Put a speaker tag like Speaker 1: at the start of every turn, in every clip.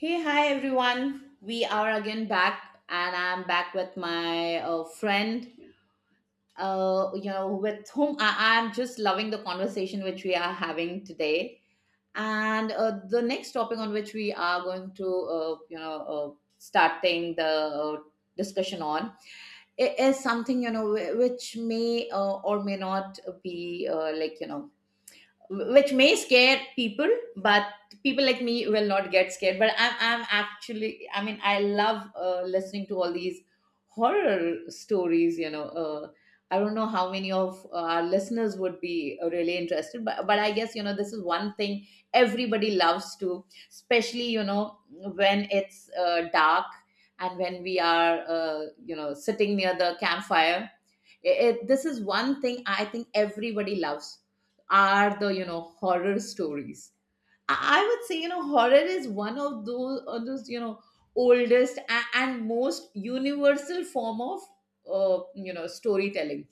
Speaker 1: Hey, hi everyone. We are again back, and I'm back with my friend, with whom I am just loving the conversation which we are having today. And the next topic on which we are going to, starting the discussion on is something, you know, which may or may not be like, you know, which may scare people, but people like me will not get scared. But I'm actually, I mean, I love listening to all these horror stories, you know. I don't know how many of our listeners would be really interested, but I guess, you know, this is one thing everybody loves to, especially, you know, when it's dark and when we are you know, sitting near the campfire. This is one thing I think everybody loves, are the, you know, horror stories. I would say, you know, horror is one of those, you know, oldest and most universal form of uh, you know, storytelling.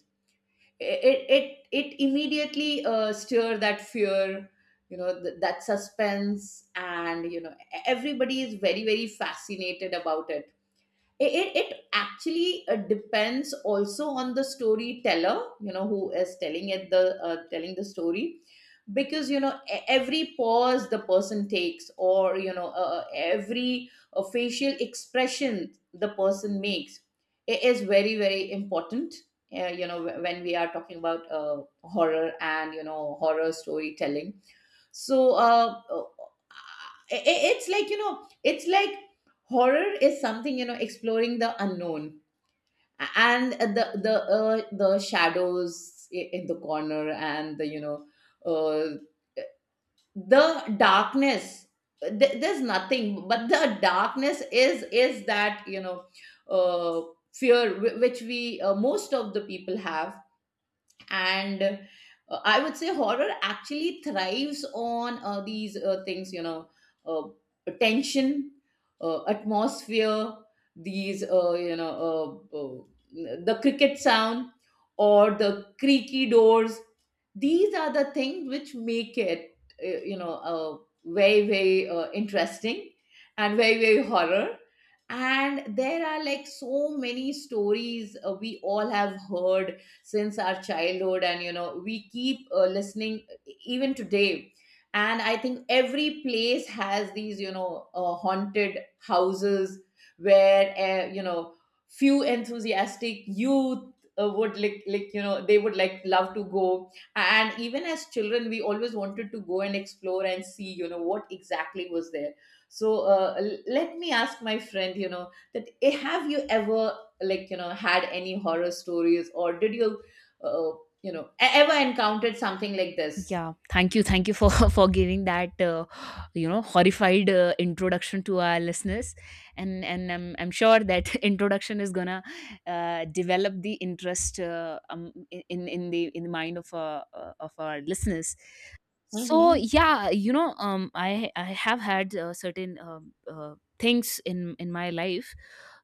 Speaker 1: It immediately, stir that fear, you know, that suspense. And, you know, everybody is very, very fascinated about it. It actually, depends also on the storyteller, you know, who is telling it, the telling the story. Because, you know, every pause the person takes, or, every facial expression the person makes, it is very, very important you know, when we are talking about horror and, you know, horror storytelling. So it's like, you know, it's like horror is something, you know, exploring the unknown, and the shadows in the corner, and the, uh, the darkness. There's nothing, but the darkness is that, you know, uh, fear which we, most of the people have. And I would say horror actually thrives on these things, you know, uh, tension, atmosphere. These, the cricket sound or the creaky doors, these are the things which make it uh, you know uh, very, very interesting, and very, very horror. And there are, like, so many stories we all have heard since our childhood, and, you know, we keep listening even today. And I think every place has these, you know, haunted houses, where, you know, few enthusiastic youth would like, you know, they would like love to go. And even as children, we always wanted to go and explore and see, you know, what exactly was there. So let me ask my friend, you know, that, have you ever, like, you know, had any horror stories, or did you uh, you know, ever encountered something like this?
Speaker 2: Yeah, thank you for for giving that horrified introduction to our listeners, and I'm sure that introduction is gonna develop the interest in the mind of our listeners. So
Speaker 1: Mm-hmm.
Speaker 2: yeah, I have had certain things in my life.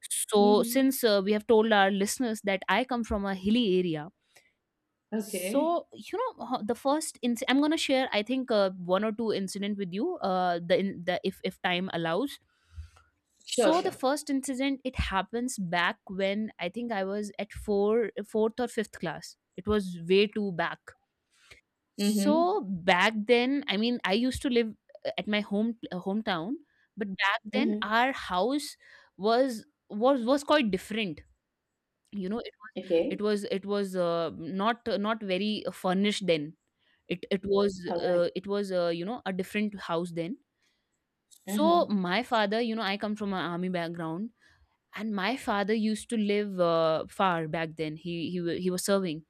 Speaker 2: So
Speaker 1: Mm-hmm.
Speaker 2: since we have told our listeners that I come from a hilly area
Speaker 1: Okay.
Speaker 2: so I'm going to share I think one or two incident with you the, in- the if time allows.
Speaker 1: Sure,
Speaker 2: So the
Speaker 1: sure.
Speaker 2: first incident, it happens back when I think I was at fourth or fifth class. It was way too back.
Speaker 1: Mm-hmm.
Speaker 2: So back then, I mean, I used to live at my hometown, but back then
Speaker 1: Mm-hmm.
Speaker 2: our house was quite different. You know, it was
Speaker 1: Okay.
Speaker 2: not very furnished then. it it was
Speaker 1: All right.
Speaker 2: it was a different house then.
Speaker 1: Uh-huh.
Speaker 2: So my father, you know, I come from an army background, and my father used to live far back then. He was serving.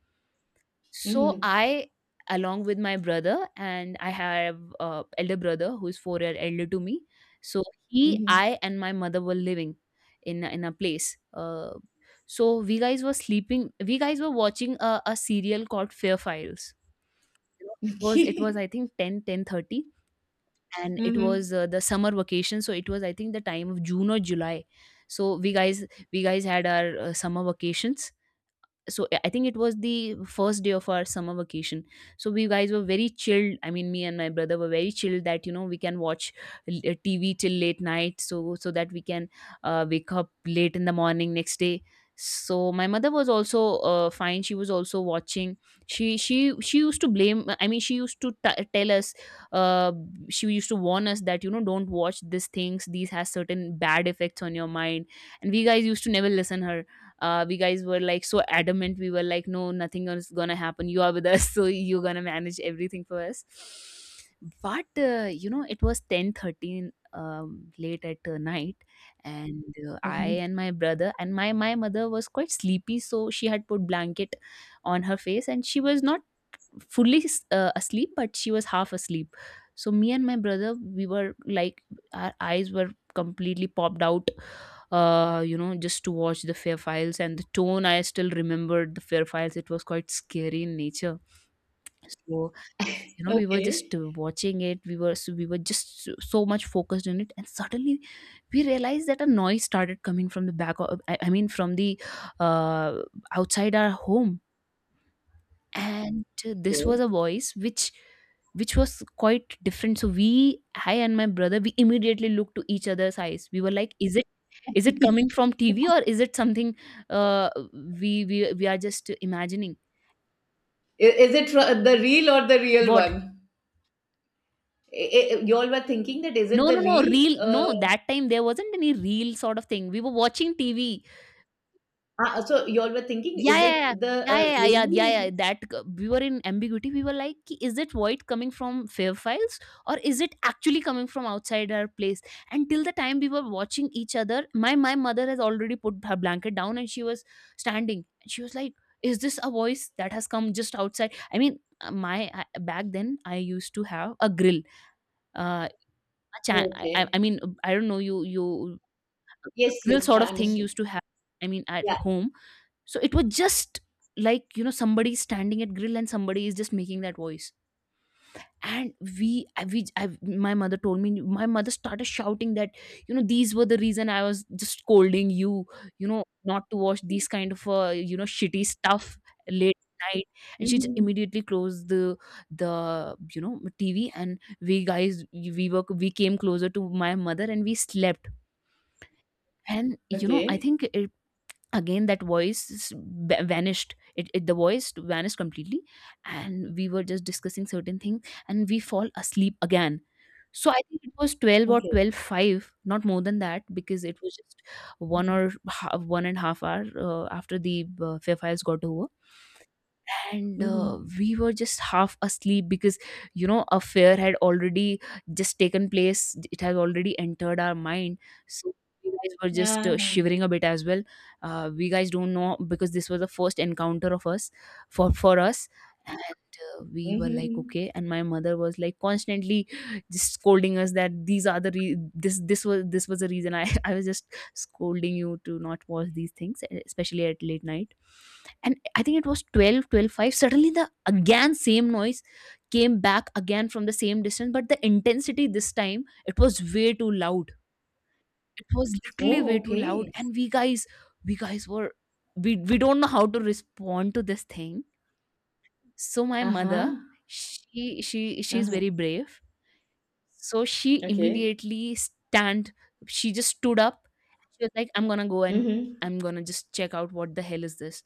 Speaker 2: So
Speaker 1: Mm-hmm.
Speaker 2: I, along with my brother, and I have a elder brother who is 4 year elder to me. So he,
Speaker 1: Mm-hmm.
Speaker 2: I, and my mother were living in a place. So we guys were sleeping. We guys were watching a serial called Fair Files. You know, it was
Speaker 1: Okay.
Speaker 2: I think ten ten thirty, and it
Speaker 1: Mm-hmm.
Speaker 2: was the summer vacation, so it was I think the time of June or July. So we guys had our summer vacations. So I think it was the first day of our summer vacation. So we guys were very chilled. I mean, me and my brother were very chilled that you know we can watch TV till late night, so so that we can wake up late in the morning next day. So my mother was also fine. She was also watching. she she she used to blame, I mean, she used to tell us, uh, she used to warn us that, you know, don't watch these things, these has certain bad effects on your mind, and we guys used to never listen her. We guys were like so adamant. We were like, no, nothing is gonna happen, you are with us, so you're gonna manage everything for us. But it was 10:13, late at night, and I
Speaker 1: Mm-hmm.
Speaker 2: and my brother, and my mother was quite sleepy, so she had put blanket on her face, and she was not fully asleep, but she was half asleep. So me and my brother, we were like, our eyes were completely popped out, you know, just to watch the Fair Files. And the tone, I still remembered the Fair Files, it was quite scary in nature. So you know we were just
Speaker 1: Okay.
Speaker 2: watching it. We were so, we were just so much focused on it, and suddenly we realized that a noise started coming from the I mean from the uh outside our home. And this was
Speaker 1: Okay.
Speaker 2: a voice which was quite different. So we, I and my brother, we immediately looked to each other's eyes. We were like, is it, is it coming from TV or is it something uh we are just imagining.
Speaker 1: I- is it the real or the real
Speaker 2: What?
Speaker 1: one? You all were thinking that, is
Speaker 2: No,
Speaker 1: it the
Speaker 2: no, no,
Speaker 1: real
Speaker 2: real, no, that time there wasn't any real sort of thing, we were watching TV.
Speaker 1: Ah, so you all were thinking,
Speaker 2: Yeah,
Speaker 1: is
Speaker 2: yeah,
Speaker 1: it
Speaker 2: yeah.
Speaker 1: the
Speaker 2: Yeah, yeah, yeah, yeah, yeah, yeah.
Speaker 1: really?
Speaker 2: We were in ambiguity. We were like, "Ki, is it void coming from Fair Files or is it actually coming from outside our place?" And till the time we were watching each other, my mother has already put her blanket down, and she was standing. And she was like, "Is this a voice that has come just outside?" I mean, back then I used to have a grill. Uh, a cha- I
Speaker 1: Okay.
Speaker 2: mean, I don't know you
Speaker 1: Yes,
Speaker 2: grill
Speaker 1: yes,
Speaker 2: sort
Speaker 1: I
Speaker 2: of thing
Speaker 1: understood.
Speaker 2: used to have. I mean, at
Speaker 1: Yeah.
Speaker 2: home, so it was just like, you know, somebody standing at grill and somebody is just making that voice. And we, I, my mother told me. My mother started shouting that, you know, these were the reason I was just scolding you. You know, not to watch these kind of shitty stuff late night. And she just
Speaker 1: Mhm.
Speaker 2: immediately closed the TV, and we guys, we came closer to my mother and we slept. And you know I
Speaker 1: Okay.
Speaker 2: think again that voice vanished. It The voice vanished completely, and we were just discussing certain things, and we fall asleep again. So I think it was 12 or
Speaker 1: Okay.
Speaker 2: 12 5, not more than that, because it was just
Speaker 1: Mhm.
Speaker 2: one and a half hour after the Fair Fires got over. And
Speaker 1: Mhm.
Speaker 2: we were just half asleep, because you know a fear had already just taken place, it has already entered our mind. So we guys were just
Speaker 1: Yeah.
Speaker 2: shivering a bit as well. We guys don't know, because this was the first encounter of us, for us. And we were like,
Speaker 1: Mhm.
Speaker 2: okay. And my mother was like constantly just scolding us that these are the re- this this was the reason I I was just scolding you to not watch these things, especially at late night. And I think it was 12, 12 five, suddenly the again same noise came back again from the same distance, but the intensity this time, it was way too loud. It was literally way
Speaker 1: Oh,
Speaker 2: too loud,
Speaker 1: okay.
Speaker 2: and we guys, we guys were we don't know how to respond to this thing. So my mother,
Speaker 1: Uh-huh.
Speaker 2: she's
Speaker 1: Uh-huh.
Speaker 2: very brave, so she
Speaker 1: Okay.
Speaker 2: immediately stand, she just stood up. She was like, I'm gonna go and
Speaker 1: Mm-hmm.
Speaker 2: I'm gonna just check out what the hell is this.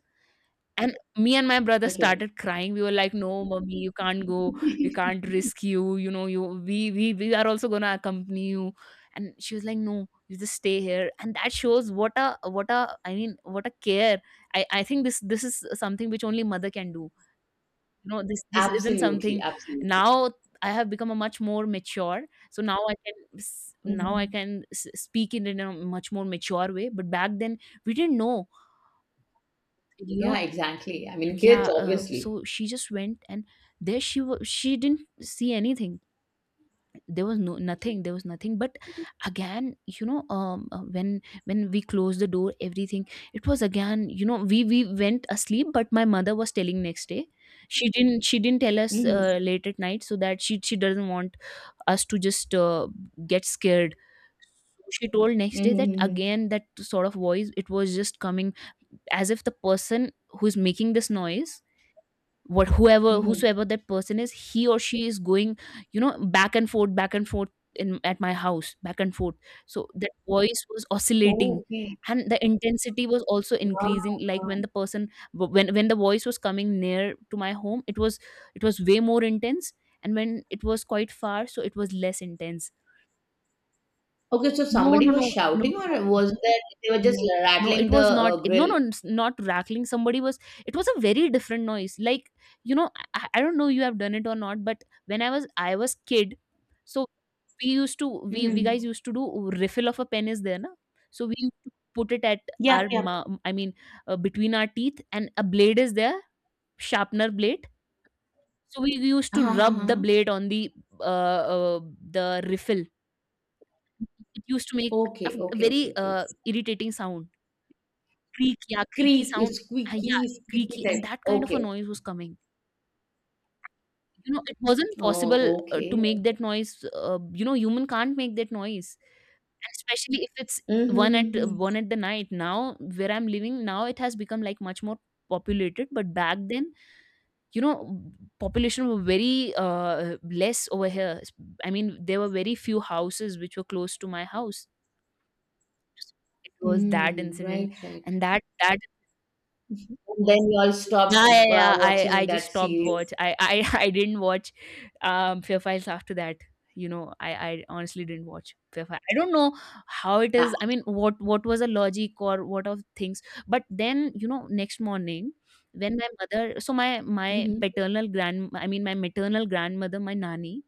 Speaker 2: And me and my brother
Speaker 1: Okay.
Speaker 2: started crying. We were like, no, mommy, you can't go, we can't risk you, you know, you we, we are also gonna accompany you. And she was like, no, you just stay here. And that shows what a, what a, I mean what a care. I think this, this is something which only mother can do. You know, this isn't
Speaker 1: Absolutely,
Speaker 2: something.
Speaker 1: absolutely.
Speaker 2: Now I have become a much more mature. So now I can now I
Speaker 1: Mm-hmm.
Speaker 2: can speak in a much more mature way, but back then we didn't know, you know.
Speaker 1: Yeah, exactly. I mean,
Speaker 2: Yeah.
Speaker 1: kids, obviously.
Speaker 2: So she just went, and there she was. She didn't see anything. There was no nothing, there was nothing. But again, you know, when we closed the door, everything, it was again, you know, we went asleep. But my mother was telling next day. She didn't, she didn't tell us
Speaker 1: Mm-hmm.
Speaker 2: late at night, so that she doesn't want us to just get scared. So she told next day that
Speaker 1: Mm-hmm.
Speaker 2: again that sort of voice, it was just coming, as if the person who is making this noise, what whoever
Speaker 1: Mm-hmm.
Speaker 2: whosoever that person is, he or she is going, you know, back and forth, back and forth, in at my house, back and forth. So that voice was
Speaker 1: Oh,
Speaker 2: oscillating,
Speaker 1: okay.
Speaker 2: and the intensity was also increasing, like
Speaker 1: Wow.
Speaker 2: when the person, when the voice was coming near to my home, it was, it was way more intense, and when it was quite far, so it was less intense.
Speaker 1: Okay, so
Speaker 2: No,
Speaker 1: somebody
Speaker 2: no, no,
Speaker 1: was
Speaker 2: no,
Speaker 1: shouting,
Speaker 2: no,
Speaker 1: or
Speaker 2: no,
Speaker 1: was that they were just
Speaker 2: no, no, it
Speaker 1: rattling the
Speaker 2: was not. It, no,
Speaker 1: grill?
Speaker 2: no, it's not rattling. Somebody was. It was a very different noise. Like, you know, I don't know you have done it or not, but when I was, I was kid, so we used to, we guys
Speaker 1: Mm-hmm.
Speaker 2: used to do refill of a pen, is there na? So we used to put it at
Speaker 1: Yep,
Speaker 2: our
Speaker 1: yep.
Speaker 2: I mean between our teeth, and a blade is there, sharpener blade. So we used to
Speaker 1: Uh-huh,
Speaker 2: rub the
Speaker 1: uh-huh.
Speaker 2: blade on uh, uh the refill. It used to make
Speaker 1: Okay,
Speaker 2: a
Speaker 1: okay, okay,
Speaker 2: very
Speaker 1: okay.
Speaker 2: irritating sound. Creak, yeah, creaky
Speaker 1: Creak,
Speaker 2: sound,
Speaker 1: it's
Speaker 2: yeah,
Speaker 1: squeaky, squeaky
Speaker 2: creaky, and
Speaker 1: type.
Speaker 2: that kind of a
Speaker 1: Okay.
Speaker 2: noise was coming. You know, it wasn't possible
Speaker 1: Oh,
Speaker 2: to
Speaker 1: okay.
Speaker 2: make that noise. You know, human can't make that noise, and especially if it's one at
Speaker 1: Mm-hmm.
Speaker 2: one at the night. Now, where I'm living now, it has become like much more populated. But back then, you know, population were very less over here. I mean, there were very few houses which were close to my house. It was that
Speaker 1: Mm,
Speaker 2: incident,
Speaker 1: right, right.
Speaker 2: and that.
Speaker 1: Mhm. And then you all
Speaker 2: Yeah,
Speaker 1: stopped
Speaker 2: yeah, yeah. I
Speaker 1: watching
Speaker 2: I just
Speaker 1: that
Speaker 2: stopped
Speaker 1: series.
Speaker 2: watch. I I didn't watch Fear Files after that. You know, I honestly didn't watch Fear Files. I don't know how it
Speaker 1: Ah,
Speaker 2: is. I mean, what was the logic or what of things? But then, you know, next morning, when my mother, so my
Speaker 1: mm-hmm.
Speaker 2: paternal grand, I mean my maternal grandmother, my nani,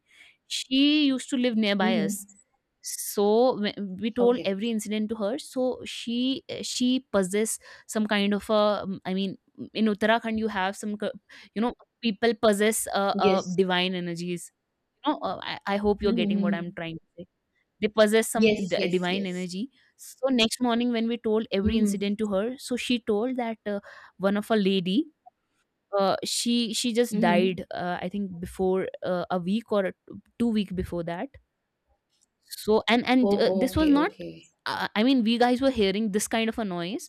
Speaker 2: she used to live nearby
Speaker 1: Mm-hmm.
Speaker 2: us. So we told
Speaker 1: Okay.
Speaker 2: every incident to her. So she, she possess some kind of a I mean, in Uttarakhand you have some you know people possess uh
Speaker 1: Yes.
Speaker 2: divine energies, you know. I hope you're getting what I'm
Speaker 1: Mm-hmm.
Speaker 2: trying to say. They possess some
Speaker 1: Yes, yes,
Speaker 2: divine
Speaker 1: yes.
Speaker 2: energy. So next morning, when we told every
Speaker 1: Mm-hmm.
Speaker 2: incident to her, so she told that one of a lady, she just
Speaker 1: Mm-hmm.
Speaker 2: died, I think before a week or 2 week before that. So and
Speaker 1: Oh,
Speaker 2: this was
Speaker 1: okay,
Speaker 2: not,
Speaker 1: okay.
Speaker 2: I mean we guys were hearing this kind of a noise,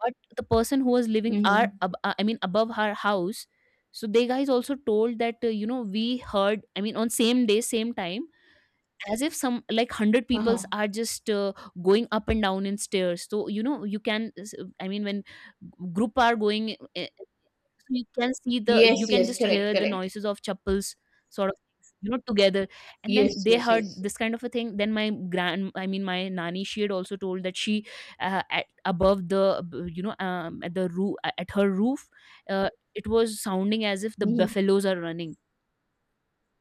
Speaker 2: but the person who was living our
Speaker 1: Mm-hmm.
Speaker 2: I mean above her house, so they guys also told that, you know, we heard, I mean, on same day same time, as if some like 100 peoples
Speaker 1: Uh-huh.
Speaker 2: are just going up and down in stairs. So you know you can I mean, when group are going so you can see the
Speaker 1: Yes,
Speaker 2: you can
Speaker 1: yes,
Speaker 2: just
Speaker 1: correct,
Speaker 2: hear the
Speaker 1: correct.
Speaker 2: noises of chappals sort of things, you know, together. And then
Speaker 1: Yes,
Speaker 2: they
Speaker 1: yes,
Speaker 2: heard
Speaker 1: yes.
Speaker 2: this kind of a thing. Then I mean my nanny, she had also told that she, at above the b- you know at the roof at her roof, it was sounding as if the
Speaker 1: Mm-hmm.
Speaker 2: buffaloes are running.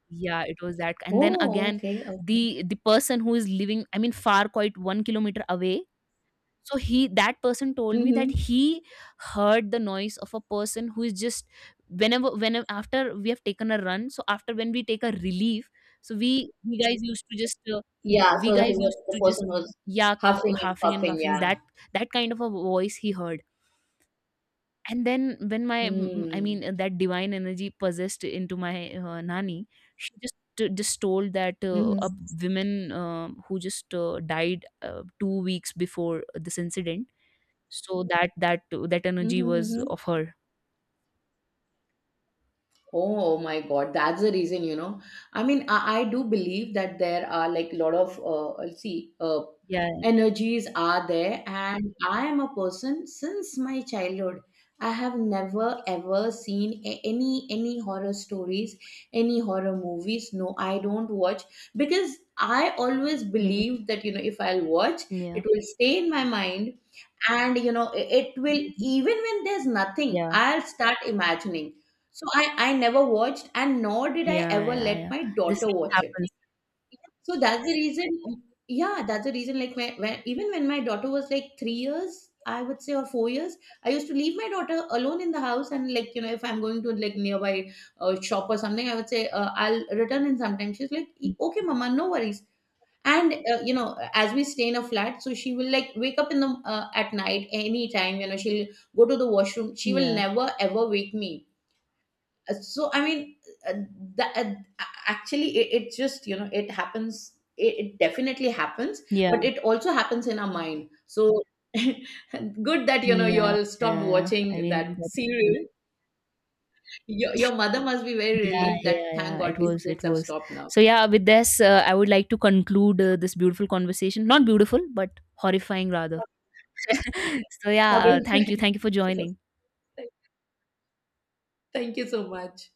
Speaker 2: Yeah, it was that. And then
Speaker 1: Oh,
Speaker 2: again,
Speaker 1: okay, okay.
Speaker 2: the person who is living, I mean, far quite 1 kilometer away, so he, that person told me that
Speaker 1: Mm-hmm.
Speaker 2: he heard the noise of a person who is just, whenever after we have taken a run, so after when we take a relief, so
Speaker 1: Yeah,
Speaker 2: we
Speaker 1: so that he
Speaker 2: guys
Speaker 1: was,
Speaker 2: used
Speaker 1: the
Speaker 2: to just,
Speaker 1: person was
Speaker 2: yeah,
Speaker 1: huffing and
Speaker 2: huffing and
Speaker 1: puffing,
Speaker 2: coughing,
Speaker 1: yeah.
Speaker 2: that that kind of a voice he heard. And then when I mean
Speaker 1: Hmm.
Speaker 2: that divine energy possessed into my nani, she just just told that a
Speaker 1: Mm-hmm.
Speaker 2: woman who just died 2 weeks before this incident. So that, that that energy
Speaker 1: Mm-hmm.
Speaker 2: was
Speaker 1: Mm-hmm.
Speaker 2: of her.
Speaker 1: Oh my God, that's the reason, you know. I mean, I do believe that there are, like, a lot of see
Speaker 2: Yeah.
Speaker 1: energies are there. And I am a person since my childhood, I have never ever seen any horror stories, any horror movies. No, I don't watch, because I always
Speaker 2: Mhm.
Speaker 1: believe that, you know, if I'll watch,
Speaker 2: Yeah.
Speaker 1: it will stay in my mind, and, you know, it will,
Speaker 2: Mhm.
Speaker 1: even when there's nothing,
Speaker 2: Yeah.
Speaker 1: I'll start imagining. So I never watched, and nor did I
Speaker 2: Yeah,
Speaker 1: ever
Speaker 2: yeah,
Speaker 1: let
Speaker 2: yeah.
Speaker 1: my
Speaker 2: This
Speaker 1: daughter watch it.
Speaker 2: happens.
Speaker 1: So that's the reason. Yeah, that's the reason. Even when my daughter was like 3 years, I would say, or 4 years, I used to leave my daughter alone in the house, and, like, you know, if I'm going to, like, nearby shop or something, I would say, "I'll return in sometime." She's like, "E- "okay, mama, no worries." And, you know, as we stay in a flat, so she will, like, wake up in the at night, anytime, you know, she'll go to the washroom. She will
Speaker 2: Yeah.
Speaker 1: never ever wake me. So I mean, uh, that actually it just, you know, it happens. It definitely happens, but
Speaker 2: Yeah.
Speaker 1: it also happens in our mind. So, good that, you know, you
Speaker 2: Yeah,
Speaker 1: all stopped
Speaker 2: yeah. I
Speaker 1: watching
Speaker 2: mean,
Speaker 1: that
Speaker 2: that,
Speaker 1: serial. Your mother must be very
Speaker 2: yeah,
Speaker 1: relieved that,
Speaker 2: yeah,
Speaker 1: thank
Speaker 2: yeah,
Speaker 1: God,
Speaker 2: it
Speaker 1: these
Speaker 2: was, it
Speaker 1: kids have
Speaker 2: was.
Speaker 1: stopped now.
Speaker 2: So yeah, with this, I would like to conclude this beautiful conversation. Not beautiful, but horrifying rather. So yeah,
Speaker 1: Sorry.
Speaker 2: thank you for
Speaker 1: Yes.
Speaker 2: joining.
Speaker 1: Thank you so much.